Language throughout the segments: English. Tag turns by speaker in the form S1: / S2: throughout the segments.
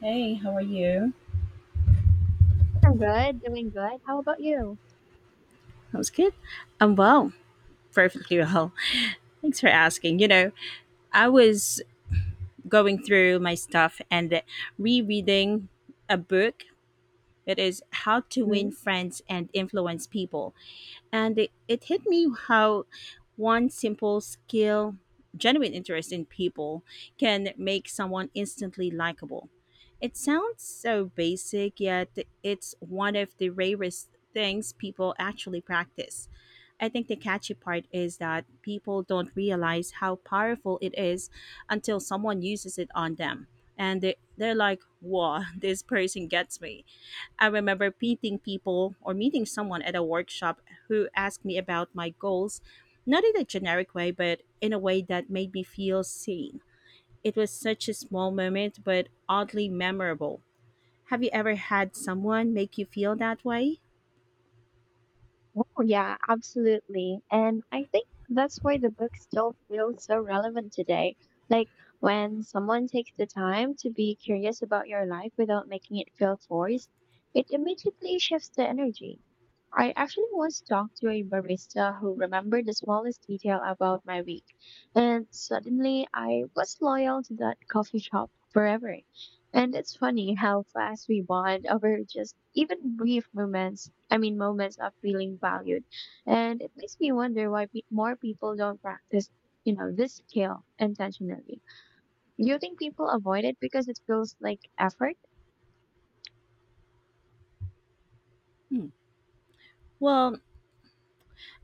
S1: Hey, how are you?
S2: I'm good, doing good. How about you?
S1: That was good. I'm well, perfectly well. Thanks for asking. You know, I was going through my stuff and rereading a book. It is How to Win
S2: Mhm.
S1: Friends and Influence People. And it hit me how one simple skill, genuine interest in people, can make someone instantly likable. It sounds so basic, yet it's one of the rarest things people actually practice. I think the catchy part is that people don't realize how powerful it is until someone uses it on them. And they're like, whoa, this person gets me. I remember meeting people or meeting someone at a workshop who asked me about my goals, not in a generic way, but in a way that made me feel seen. It was such a small moment, but oddly memorable. Have you ever had someone make you feel that way?
S2: Oh, yeah, absolutely. And I think that's why the book still feels so relevant today. Like when someone takes the time to be curious about your life without making it feel forced, it immediately shifts the energy. I actually once talked to a barista who remembered the smallest detail about my week, and suddenly I was loyal to that coffee shop forever. And it's funny how fast we bond over just even brief moments. I mean, moments of feeling valued. And it makes me wonder why more people don't practice, this skill intentionally. Do you think people avoid it because it feels like effort?
S1: Hmm. Well,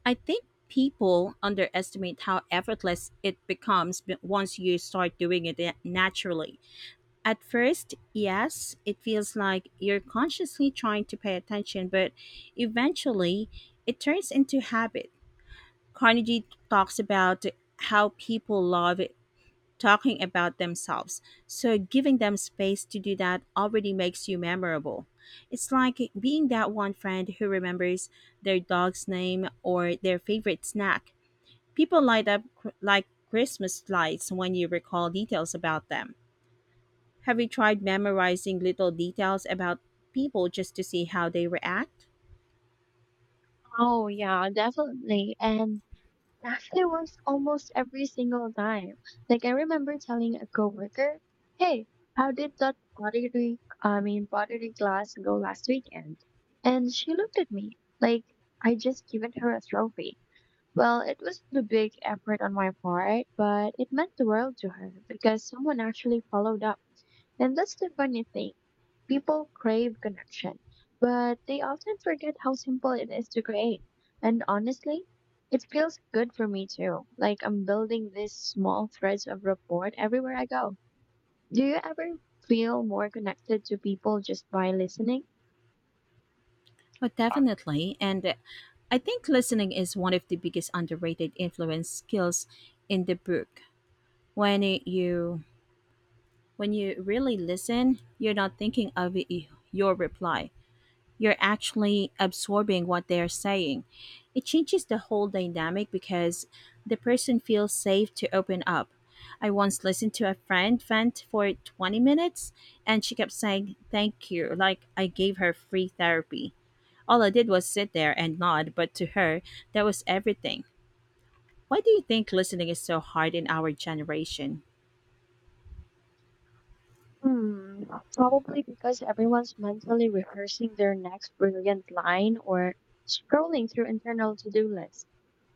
S1: I think people underestimate how effortless it becomes once you start doing it naturally. At first, yes, it feels like you're consciously trying to pay attention, but eventually it turns into habit. Carnegie talks about how people love talking about themselves, so giving them space to do that already makes you memorable. It's like being that one friend who remembers their dog's name or their favorite snack. People light up like Christmas lights when you recall details about them. Have you tried memorizing little details about people just to see how they react?
S2: Oh, yeah, definitely. And it was almost every single time. Like I remember telling a coworker, "Hey, how did that pottery, I mean pottery class go last weekend?" And she looked at me like I just given her a trophy. Well, it was a big effort on my part, but it meant the world to her because someone actually followed up. And that's the funny thing. People crave connection, but they often forget how simple it is to create. And honestly, it feels good for me too. Like I'm building these small threads of rapport everywhere I go. Do you ever feel more connected to people just by listening?
S1: Oh, definitely. And I think listening is one of the biggest underrated influence skills in the book. When it- you when you really listen, you're not thinking of your reply. You're actually absorbing what they're saying. It changes the whole dynamic because the person feels safe to open up. I once listened to a friend vent for 20 minutes and she kept saying, "Thank you," like I gave her free therapy. All I did was sit there and nod, but to her, that was everything. Why do you think listening is so hard in our generation?
S2: Hmm, probably because everyone's mentally rehearsing their next brilliant line or scrolling through internal to-do lists.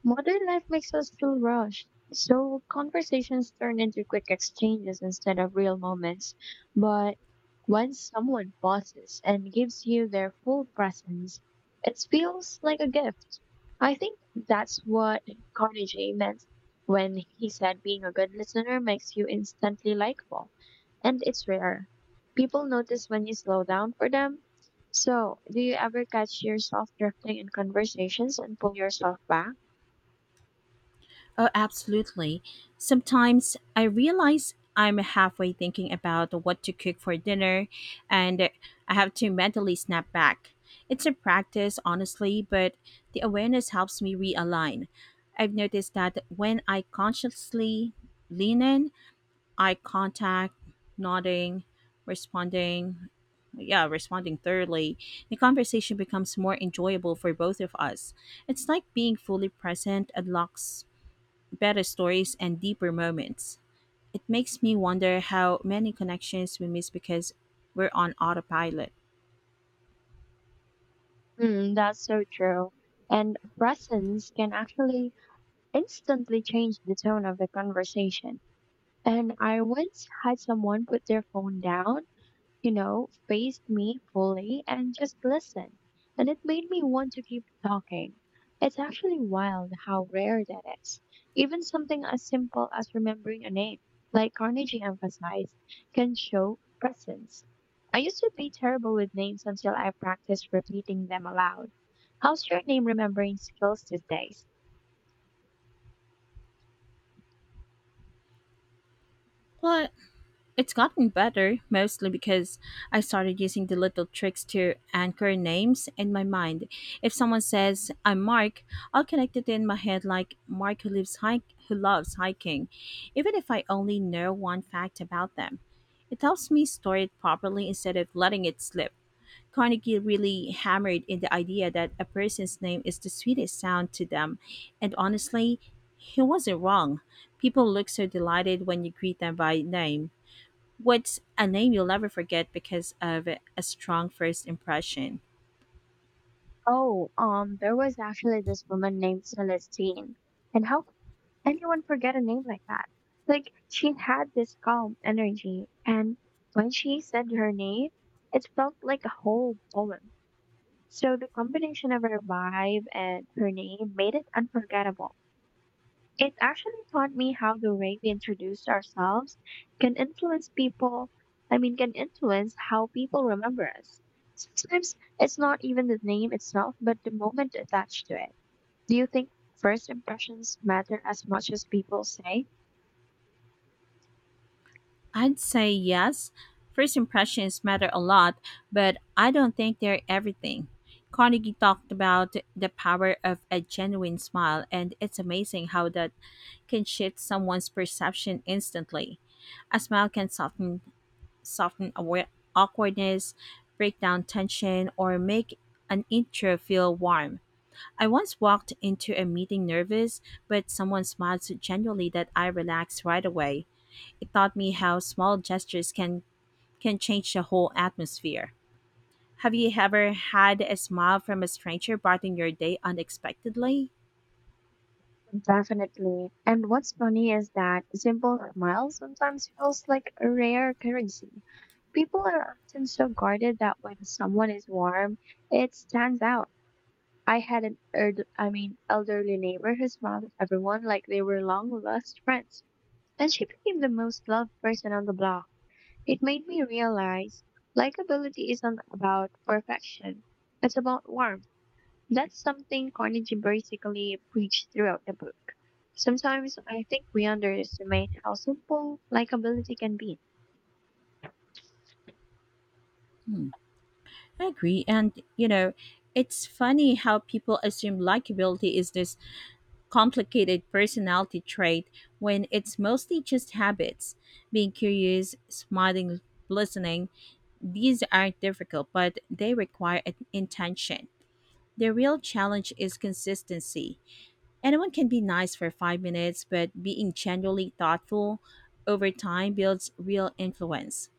S2: Modern life makes us feel rushed, so conversations turn into quick exchanges instead of real moments. But when someone pauses and gives you their full presence, it feels like a gift. I think that's what Carnegie meant when he said being a good listener makes you instantly likable. And it's rare. People notice when you slow down for them. So, do you ever catch yourself drifting in conversations and pull yourself back?
S1: Oh, absolutely. Sometimes I realize I'm halfway thinking about what to cook for dinner and I have to mentally snap back. It's a practice, honestly, but the awareness helps me realign. I've noticed that when I consciously lean in, eye contact, nodding, responding, yeah, responding thoroughly, the conversation becomes more enjoyable for both of us. It's like being fully present unlocks better stories and deeper moments. It makes me wonder how many connections we miss because we're on autopilot.
S2: Hmm, that's so true. And presence can actually instantly change the tone of the conversation. And I once had someone put their phone down, faced me fully and just listened. And it made me want to keep talking. It's actually wild how rare that is. Even something as simple as remembering a name, like Carnegie emphasized, can show presence. I used to be terrible with names until I practiced repeating them aloud. How's your name remembering skills these days?
S1: But it's gotten better, mostly because I started using the little tricks to anchor names in my mind. If someone says, "I'm Mark," I'll connect it in my head like Mark who, who loves hiking, even if I only know one fact about them. It helps me store it properly instead of letting it slip. Carnegie really hammered in the idea that a person's name is the sweetest sound to them, and honestly, he wasn't wrong. People look so delighted when you greet them by name. What's a name you'll never forget because of a strong first impression?
S2: Oh, there was actually this woman named Celestine. And how could anyone forget a name like that? Like, she had this calm energy, and when she said her name, it felt like a whole poem. So the combination of her vibe and her name made it unforgettable. It actually taught me how the way we introduce ourselves can influence people, can influence how people remember us. Sometimes it's not even the name itself, but the moment attached to it. Do you think first impressions matter as much as people say?
S1: I'd say yes. First impressions matter a lot, but I don't think they're everything. Carnegie talked about the power of a genuine smile, and it's amazing how that can shift someone's perception instantly. A smile can soften awkwardness, break down tension, or make an intro feel warm. I once walked into a meeting nervous, but someone smiled so genuinely that I relaxed right away. It taught me how small gestures can change the whole atmosphere. Have you ever had a smile from a stranger brighten your day unexpectedly?
S2: Definitely. And what's funny is that simple smile sometimes feels like a rare currency. People are often so guarded that when someone is warm, it stands out. I had an elderly neighbor who smiled at everyone like they were long lost friends. And she became the most loved person on the block. It made me realize likability isn't about perfection. It's about warmth. That's something Carnegie basically preached throughout the book. Sometimes I think we underestimate how simple likability can be.
S1: Hmm. I agree. And, you know, it's funny how people assume likability is this complicated personality trait when it's mostly just habits. Being curious, smiling, listening, these aren't difficult, but they require an intention. The real challenge is consistency. Anyone can be nice for 5 minutes, but being genuinely thoughtful over time builds real influence.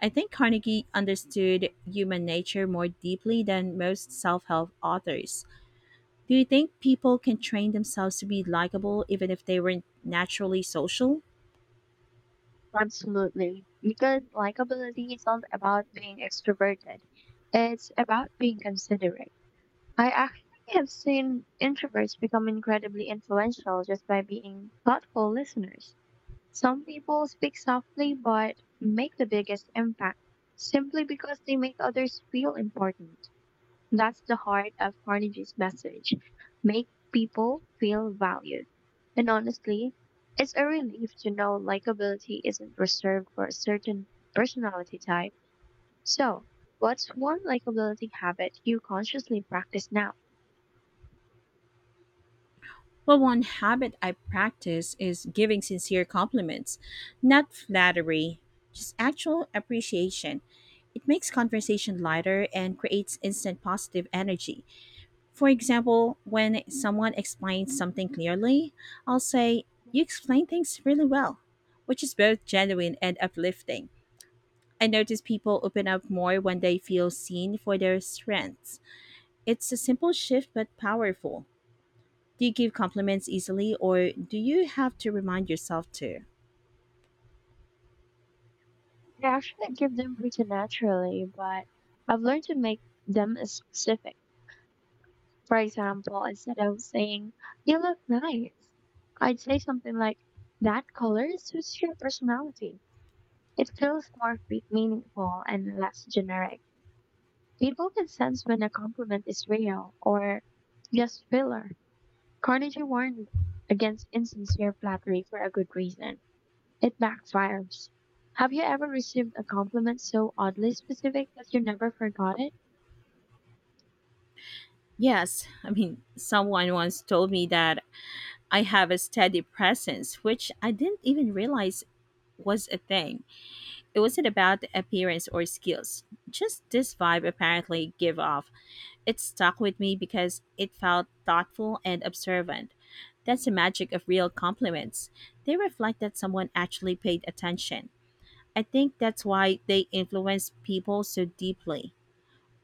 S1: I think Carnegie understood human nature more deeply than most self help authors. Do you think people can train themselves to be likable even if they weren't naturally social?
S2: Absolutely. Because likability isn't about being extroverted. It's about being considerate. I actually have seen introverts become incredibly influential just by being thoughtful listeners. Some people speak softly but make the biggest impact simply because they make others feel important. That's the heart of Carnegie's message: make people feel valued. And honestly, it's a relief to know likability isn't reserved for a certain personality type. So, what's one likability habit you consciously practice now?
S1: Well, one habit I practice is giving sincere compliments, not flattery, just actual appreciation. It makes conversation lighter and creates instant positive energy. For example, when someone explains something clearly, I'll say, "You explain things really well," which is both genuine and uplifting. I notice people open up more when they feel seen for their strengths. It's a simple shift but powerful. Do you give compliments easily or do you have to remind yourself to?
S2: Like, I actually give them pretty naturally, but I've learned to make them as specific. For example, instead of saying, you look nice, I'd say something like, that color suits your personality. It feels more meaningful and less generic. People can sense when a compliment is real or just filler. Carnegie warned against insincere flattery for a good reason. It backfires. Have you ever received a compliment so oddly specific that you never forgot it?
S1: Yes, I mean, someone once told me that I have a steady presence, which I didn't even realize was a thing. It wasn't about the appearance or skills, just this vibe apparently give off. It stuck with me because it felt thoughtful and observant. That's the magic of real compliments. They reflect that someone actually paid attention. I think that's why they influence people so deeply.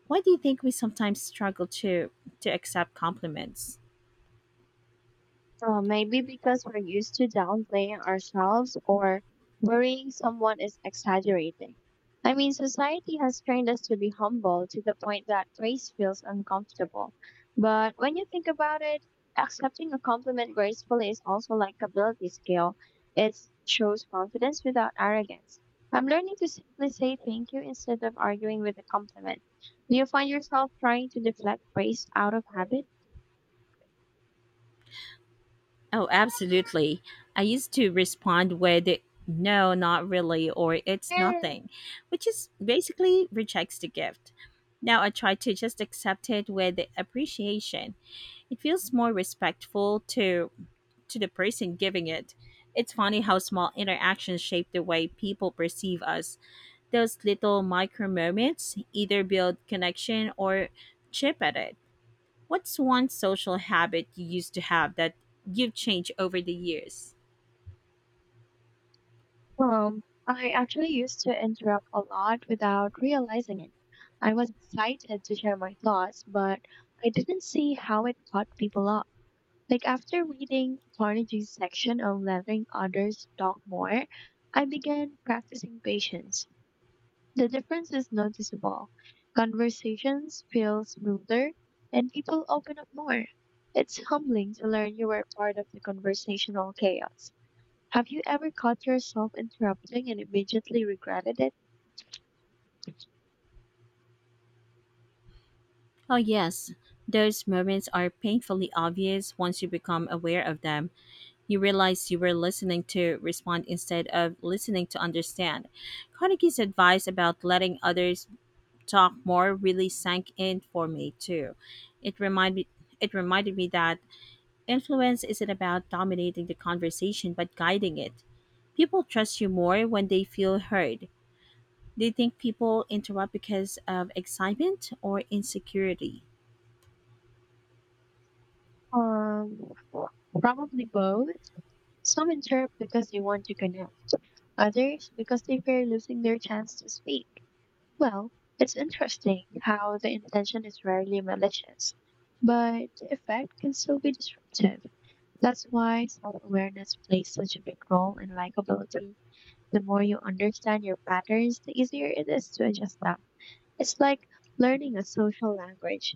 S1: Why do you think we sometimes struggle to accept compliments?
S2: Maybe because we're used to downplaying ourselves or worrying someone is exaggerating. I mean, society has trained us to be humble to the point that praise feels uncomfortable. But when you think about it, accepting a compliment gracefully is also like a ability skill. It shows confidence without arrogance. I'm learning to simply say thank you instead of arguing with a compliment. Do you find yourself trying to deflect praise out of habit?
S1: Oh, absolutely. I used to respond with "no, not really," or "it's nothing," which is basically rejects the gift. Now I try to just accept it with appreciation. It feels more respectful to the person giving it. It's funny how small interactions shape the way people perceive us. Those little micro moments either build connection or chip at it. What's one social habit you used to have that you've changed over the years?
S2: I actually used to interrupt a lot without realizing it. I was excited to share my thoughts, but I didn't see how it caught people off. Like after reading Carnegie's section on letting others talk more, I began practicing patience. The difference is noticeable. Conversations feel smoother and people open up more. It's humbling to learn you were part of the conversational chaos. Have you ever caught yourself interrupting and immediately regretted it?
S1: Oh, yes. Those moments are painfully obvious once you become aware of them. You realize you were listening to respond instead of listening to understand. Carnegie's advice about letting others talk more really sank in for me too. It reminded it reminded me that influence isn't about dominating the conversation but guiding it. People trust you more when they feel heard. Do you think people interrupt because of excitement or insecurity?
S2: Um, Probably both. Some interrupt because they want to connect, others because they fear losing their chance to speak. Well, it's interesting how the intention is rarely malicious, but the effect can still be disruptive. That's why self awareness plays such a big role in likability. The more you understand your patterns, the easier it is to adjust them. It's like learning a social language.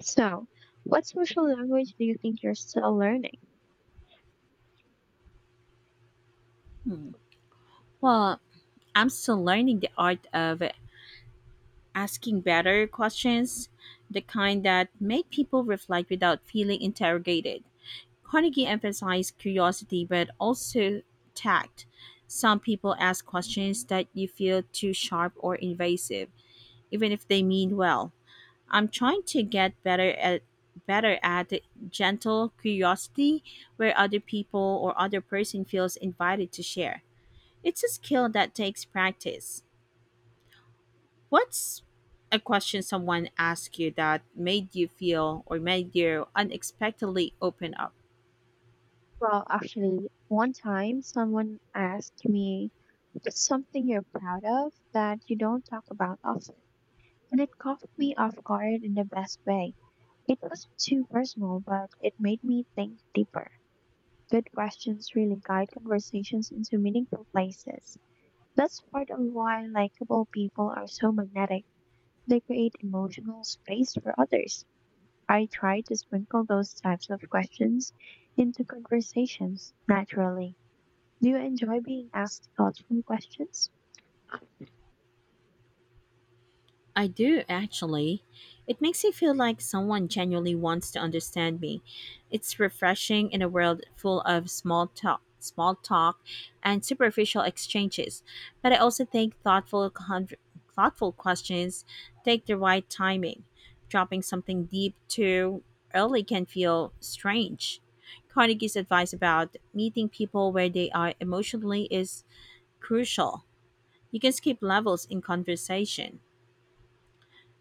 S2: So, what social language do you think you're still learning?
S1: Hmm. Well, I'm still learning the art of asking better questions, the kind that make people reflect without feeling interrogated. Carnegie emphasized curiosity but also tact. Some people ask questions that you feel too sharp or invasive, even if they mean well. I'm trying to get better at gentle curiosity where other people or other person feels invited to share. It's a skill that takes practice. What's a question someone asked you that made you feel or made you unexpectedly open up?
S2: Well, actually, one time someone asked me, "What's something you're proud of that you don't talk about often," and it caught me off guard in the best way. It was too personal, but it made me think deeper. Good questions really guide conversations into meaningful places. That's part of why likable people are so magnetic. They create emotional space for others. I try to sprinkle those types of questions into conversations naturally. Do you enjoy being asked thoughtful questions?
S1: I do actually. It makes me feel like someone genuinely wants to understand me. It's refreshing in a world full of small talk and superficial exchanges. But I also think thoughtful questions take the right timing. Dropping something deep too early can feel strange. Carnegie's advice about meeting people where they are emotionally is crucial. You can skip levels in conversation.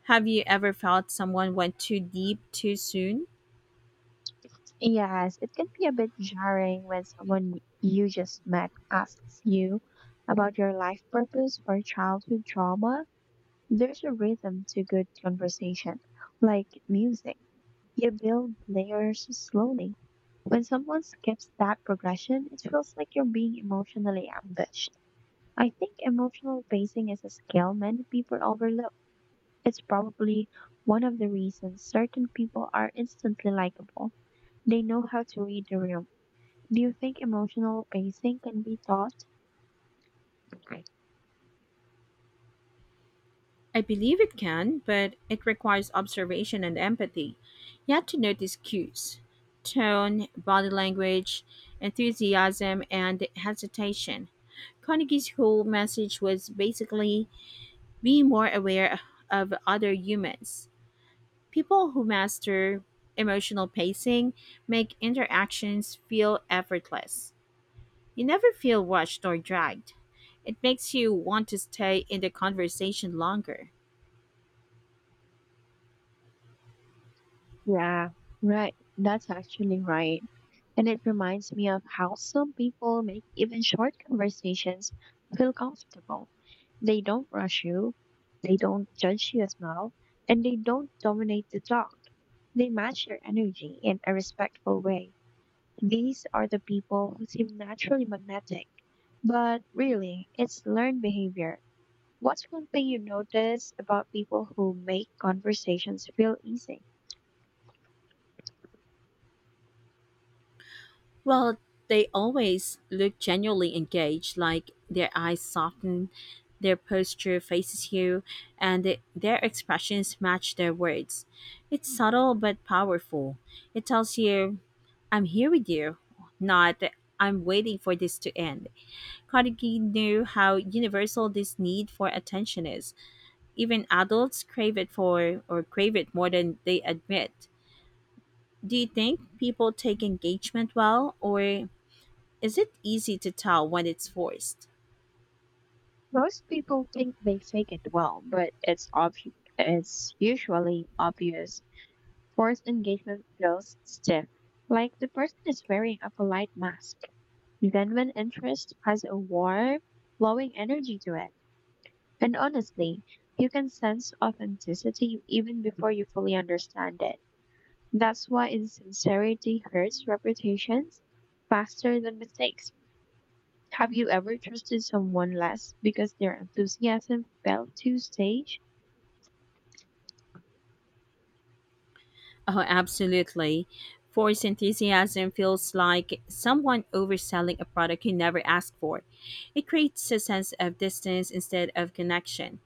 S1: Have you ever felt someone went too deep too soon?
S2: Yes, it can be a bit jarring when someone you just met asks you about your life purpose or childhood trauma. There's a rhythm to good conversation, like music. You build layers slowly. When someone skips that progression, it feels like you're being emotionally ambushed. I think emotional pacing is a skill many people overlook. It's probably one of the reasons certain people are instantly likable. They know how to read the room. Do you think emotional pacing can be taught?
S1: I believe it can, but it requires observation and empathy. You have to notice cues: tone, body language, enthusiasm, and hesitation. Carnegie's whole message was basically be more aware of other humans. People who master emotional pacing make interactions feel effortless. You never feel watched or dragged. It makes you want to stay in the conversation longer.
S2: Yeah, right. That's actually right. And it reminds me of how some people make even short conversations feel comfortable. They don't rush you, they don't judge you as well, and they don't dominate the talk. They match your energy in a respectful way. These are the people who seem naturally magnetic. But really, it's learned behavior. What's one thing you notice about people who make conversations feel easy?
S1: Well, they always look genuinely engaged, like their eyes soften, their posture faces you, and their expressions match their words. It's subtle but powerful. It tells you, "I'm here with you," not "I'm waiting for this to end." Carnegie knew how universal this need for attention is. Even adults crave it more than they admit. Do you think people take engagement well, or is it easy to tell when it's forced?
S2: Most people think they fake it well, but it's usually obvious. Forced engagement feels stiff, like the person is wearing a polite mask. Genuine interest has a warm, flowing energy to it. And honestly, you can sense authenticity even before you fully understand it. That's why insincerity hurts reputations faster than mistakes. Have you ever trusted someone less because their enthusiasm fell too stage?
S1: Oh, absolutely. Forced enthusiasm feels like someone overselling a product you never asked for. It creates a sense of distance instead of connection.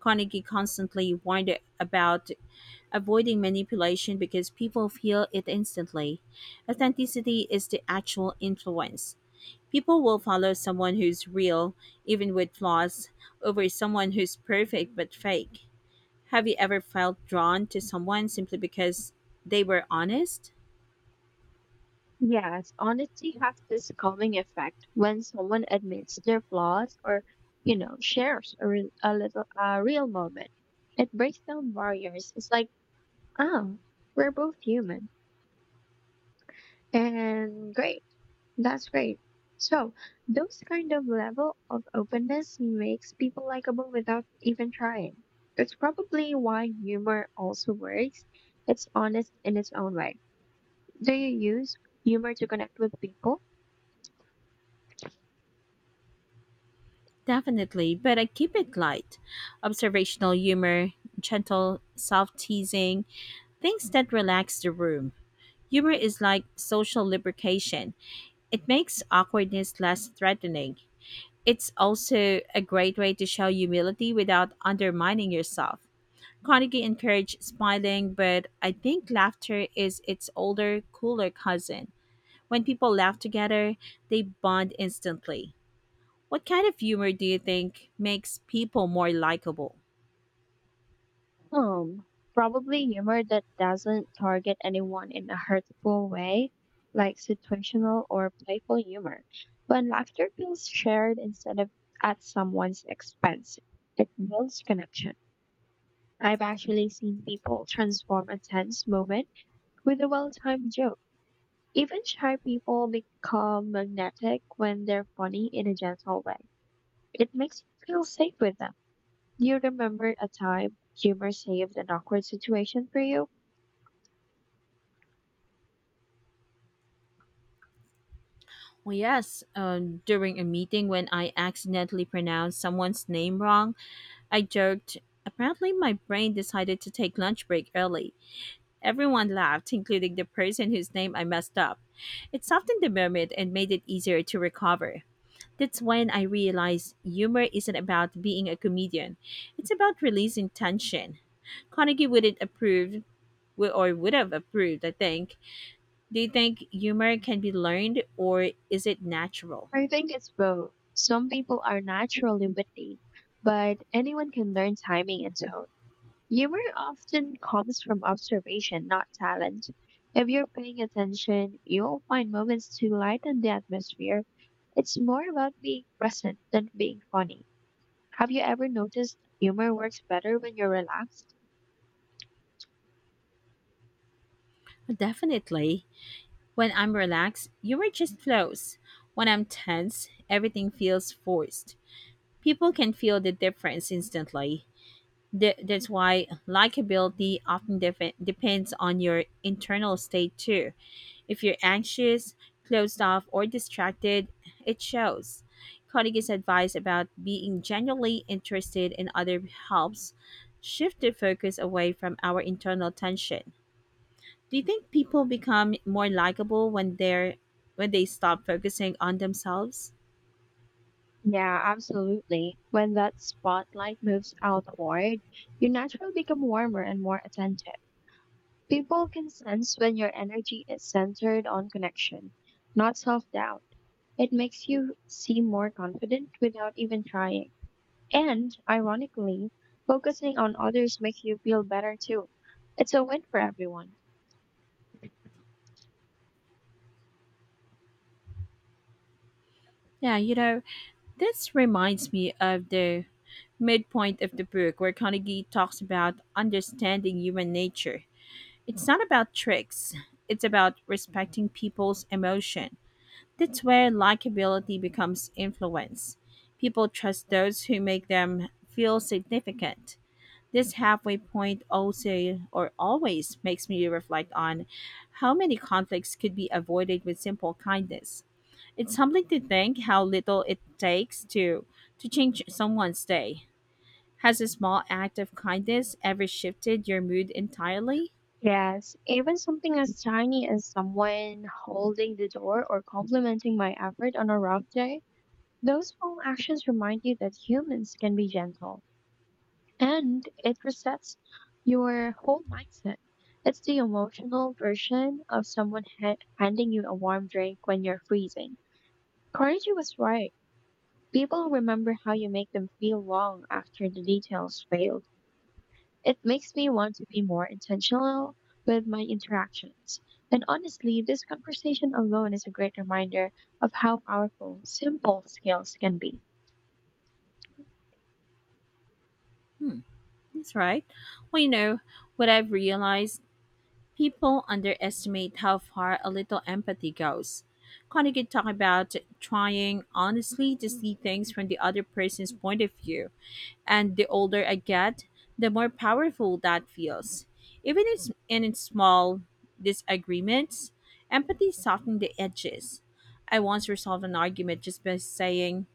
S1: Carnegie constantly warned about avoiding manipulation because people feel it instantly. Authenticity is the actual influence. People will follow someone who's real, even with flaws, over someone who's perfect but fake. Have you ever felt drawn to someone simply because they were honest?
S2: Yes, honesty has this calming effect when someone admits their flaws or, shares a little a real moment. It breaks down barriers. It's like, oh, we're both human and great. That's great. So, those kind of level of openness makes people likable without even trying. That's probably why humor also works. It's honest in its own way. Do you use humor to connect with people?
S1: Definitely, but I keep it light. Observational humor, gentle self teasing, things that relax the room. Humor is like social lubrication, it makes awkwardness less threatening. It's also a great way to show humility without undermining yourself. Carnegie encouraged smiling, but I think laughter is its older, cooler cousin. When people laugh together, they bond instantly. What kind of humor do you think makes people more likable?
S2: Hmm. Probably humor that doesn't target anyone in a hurtful way, like situational or playful humor. When laughter feels shared instead of at someone's expense, it builds connection. I've actually seen people transform a tense moment with a well timed joke. Even shy people become magnetic when they're funny in a gentle way. It makes you feel safe with them. Do you remember a time humor saved an awkward situation for you?
S1: Well, yes, during a meeting when I accidentally pronounced someone's name wrong, I joked, "apparently, my brain decided to take lunch break early." Everyone laughed, including the person whose name I messed up. It softened the moment and made it easier to recover. That's when I realized humor isn't about being a comedian. It's about releasing tension. Carnegie wouldn't approve or would have approved, I think. Do you think humor can be learned or is it natural?
S2: I think it's both. Some people are naturally witty, but anyone can learn timing and tone. Humor often comes from observation, not talent. If you're paying attention, you'll find moments to lighten the atmosphere. It's more about being present than being funny. Have you ever noticed humor works better when you're relaxed?
S1: Definitely. When I'm relaxed, humor just flows. When I'm tense, everything feels forced. People can feel the difference instantly. That's why likability often depends on your internal state too. If you're anxious, closed off, or distracted, it shows. Carnegie's advice about being genuinely interested in other helps shift the focus away from our internal tension. Do you think people become more likable when they stop focusing on themselves?
S2: Yeah, absolutely. When that spotlight moves outward, you naturally become warmer and more attentive. People can sense when your energy is centered on connection, not self doubt. It makes you seem more confident without even trying. And ironically, focusing on others makes you feel better too. It's a win for everyone.
S1: Yeah, you know, this reminds me of the midpoint of the book where Carnegie talks about understanding human nature. It's not about tricks, it's about respecting people's emotion. That's where likability becomes influence. People trust those who make them feel significant. This halfway point also or always makes me reflect on how many conflicts could be avoided with simple kindness. It's humbling to think how little it takes to change someone's day. Has a small act of kindness ever shifted your mood entirely?
S2: Yes, even something as tiny as someone holding the door or complimenting my effort on a rough day, those small actions remind you that humans can be gentle, and it resets your whole mindset. It's the emotional version of someone handing you a warm drink when you're freezing. Carnegie was right. People remember how you make them feel long after the details failed. It makes me want to be more intentional with my interactions. And honestly, this conversation alone is a great reminder of how powerful simple skills can be.
S1: Hmm, that's right. Well, you know, what I've realized, people underestimate how far a little empathy goes. Connie could talk about trying honestly to see things from the other person's point of view, and the older I get, the more powerful that feels. Even in, in its small disagreements, empathy softens the edges. I once resolved an argument just by saying,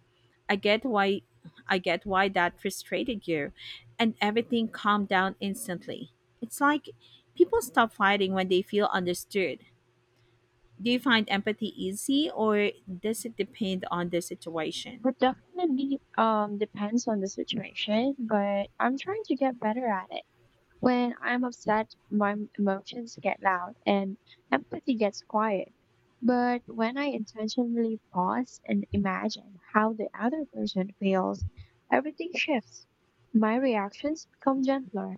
S1: I get why I get why that frustrated you, and everything calmed down instantly. It's like people stop fighting when they feel understood. Do you find empathy easy or does it depend on the situation?
S2: It definitely depends on the situation, but I'm trying to get better at it. When I'm upset, my emotions get loud and empathy gets quiet. But when I intentionally pause and imagine how the other person feels, everything shifts. My reactions become gentler.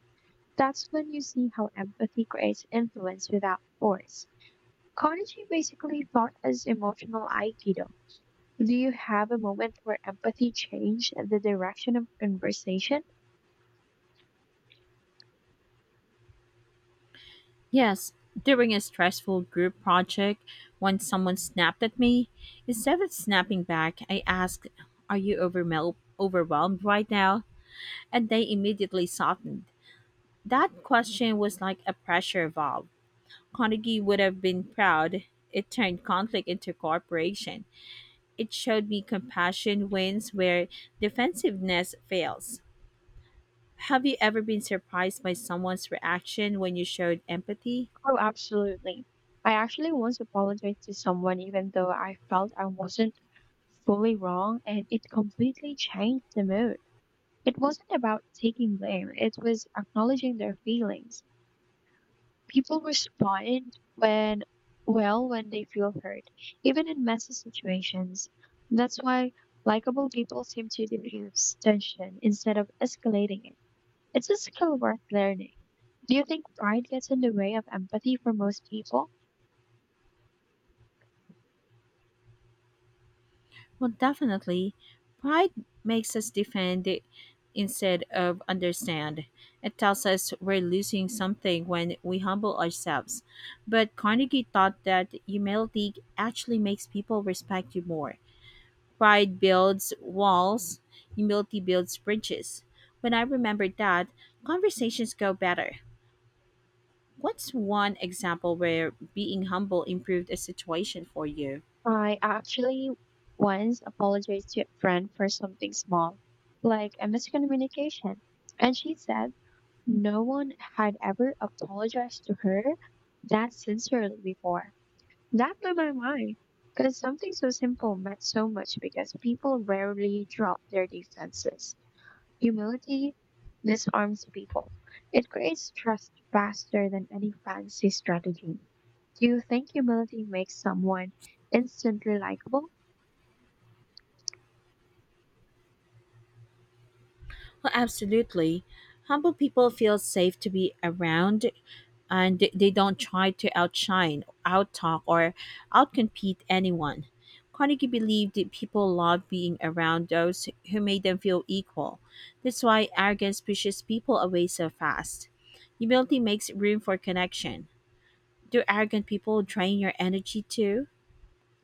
S2: That's when you see how empathy creates influence without force. Konichi basically taught us emotional aikido. Do you have a moment where empathy changed the direction of a conversation?
S1: Yes, during a stressful group project, when someone snapped at me, instead of snapping back, I asked, "Are you overwhelmed right now?" and they immediately softened. That question was like a pressure valve. Carnegie would have been proud. It turned conflict into cooperation. It showed me compassion wins where defensiveness fails. Have you ever been surprised by someone's reaction when you showed empathy?
S2: Oh, absolutely. I actually once apologized to someone, even though I felt I wasn't fully wrong, and it completely changed the mood. It wasn't about taking blame, it was acknowledging their feelings. People respond when, well, when they feel hurt, even in messy situations. That's why likable people seem to diffuse tension instead of escalating it. It's a skill worth learning. Do you think pride gets in the way of empathy for most people?
S1: Well, definitely. Pride makes us defend it instead of understand. It tells us we're losing something when we humble ourselves. But Carnegie thought that humility actually makes people respect you more. Pride builds walls, humility builds bridges. When I remember that, conversations go better. What's one example where being humble improved a situation for you?
S2: I actually once apologized to a friend for something small, like a miscommunication. And she said no one had ever apologized to her that sincerely before. That blew my mind. Because something so simple meant so much because people rarely drop their defenses. Humility disarms people. It creates trust faster than any fancy strategy. Do you think humility makes someone instantly likable?
S1: Well, absolutely. Humble people feel safe to be around and they don't try to outshine, outtalk, or outcompete anyone. Carnegie believed that people loved being around those who made them feel equal. That's why arrogance pushes people away so fast. Humility makes room for connection. Do arrogant people drain your energy too?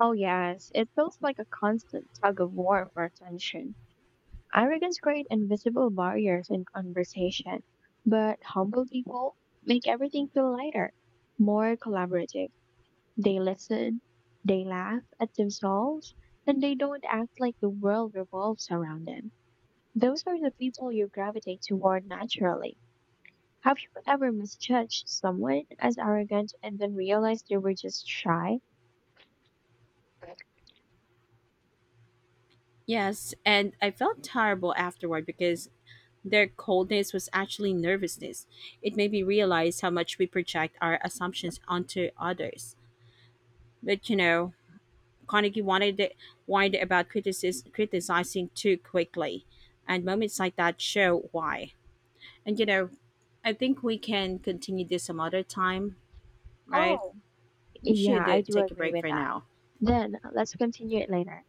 S2: Oh, yes. It feels like a constant tug of war for attention. Arrogance creates invisible barriers in conversation, but humble people make everything feel lighter, more collaborative. They listen, they laugh at themselves, and they don't act like the world revolves around them. Those are the people you gravitate toward naturally. Have you ever misjudged someone as arrogant and then realized they were just shy?
S1: Yes, and I felt terrible afterward because their coldness was actually nervousness. It made me realize how much we project our assumptions onto others. But you know, Carnegie wanted it, whined about criticizing too quickly, and moments like that show why. And you know, I think we can continue this some other time, right?
S2: Oh,
S1: We
S2: yeah,
S1: should
S2: I do
S1: take a
S2: agree
S1: break
S2: with
S1: for
S2: that.
S1: now.
S2: Then let's continue it later.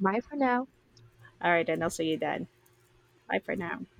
S2: Bye for now.
S1: All right, then I'll see you then. Bye for now.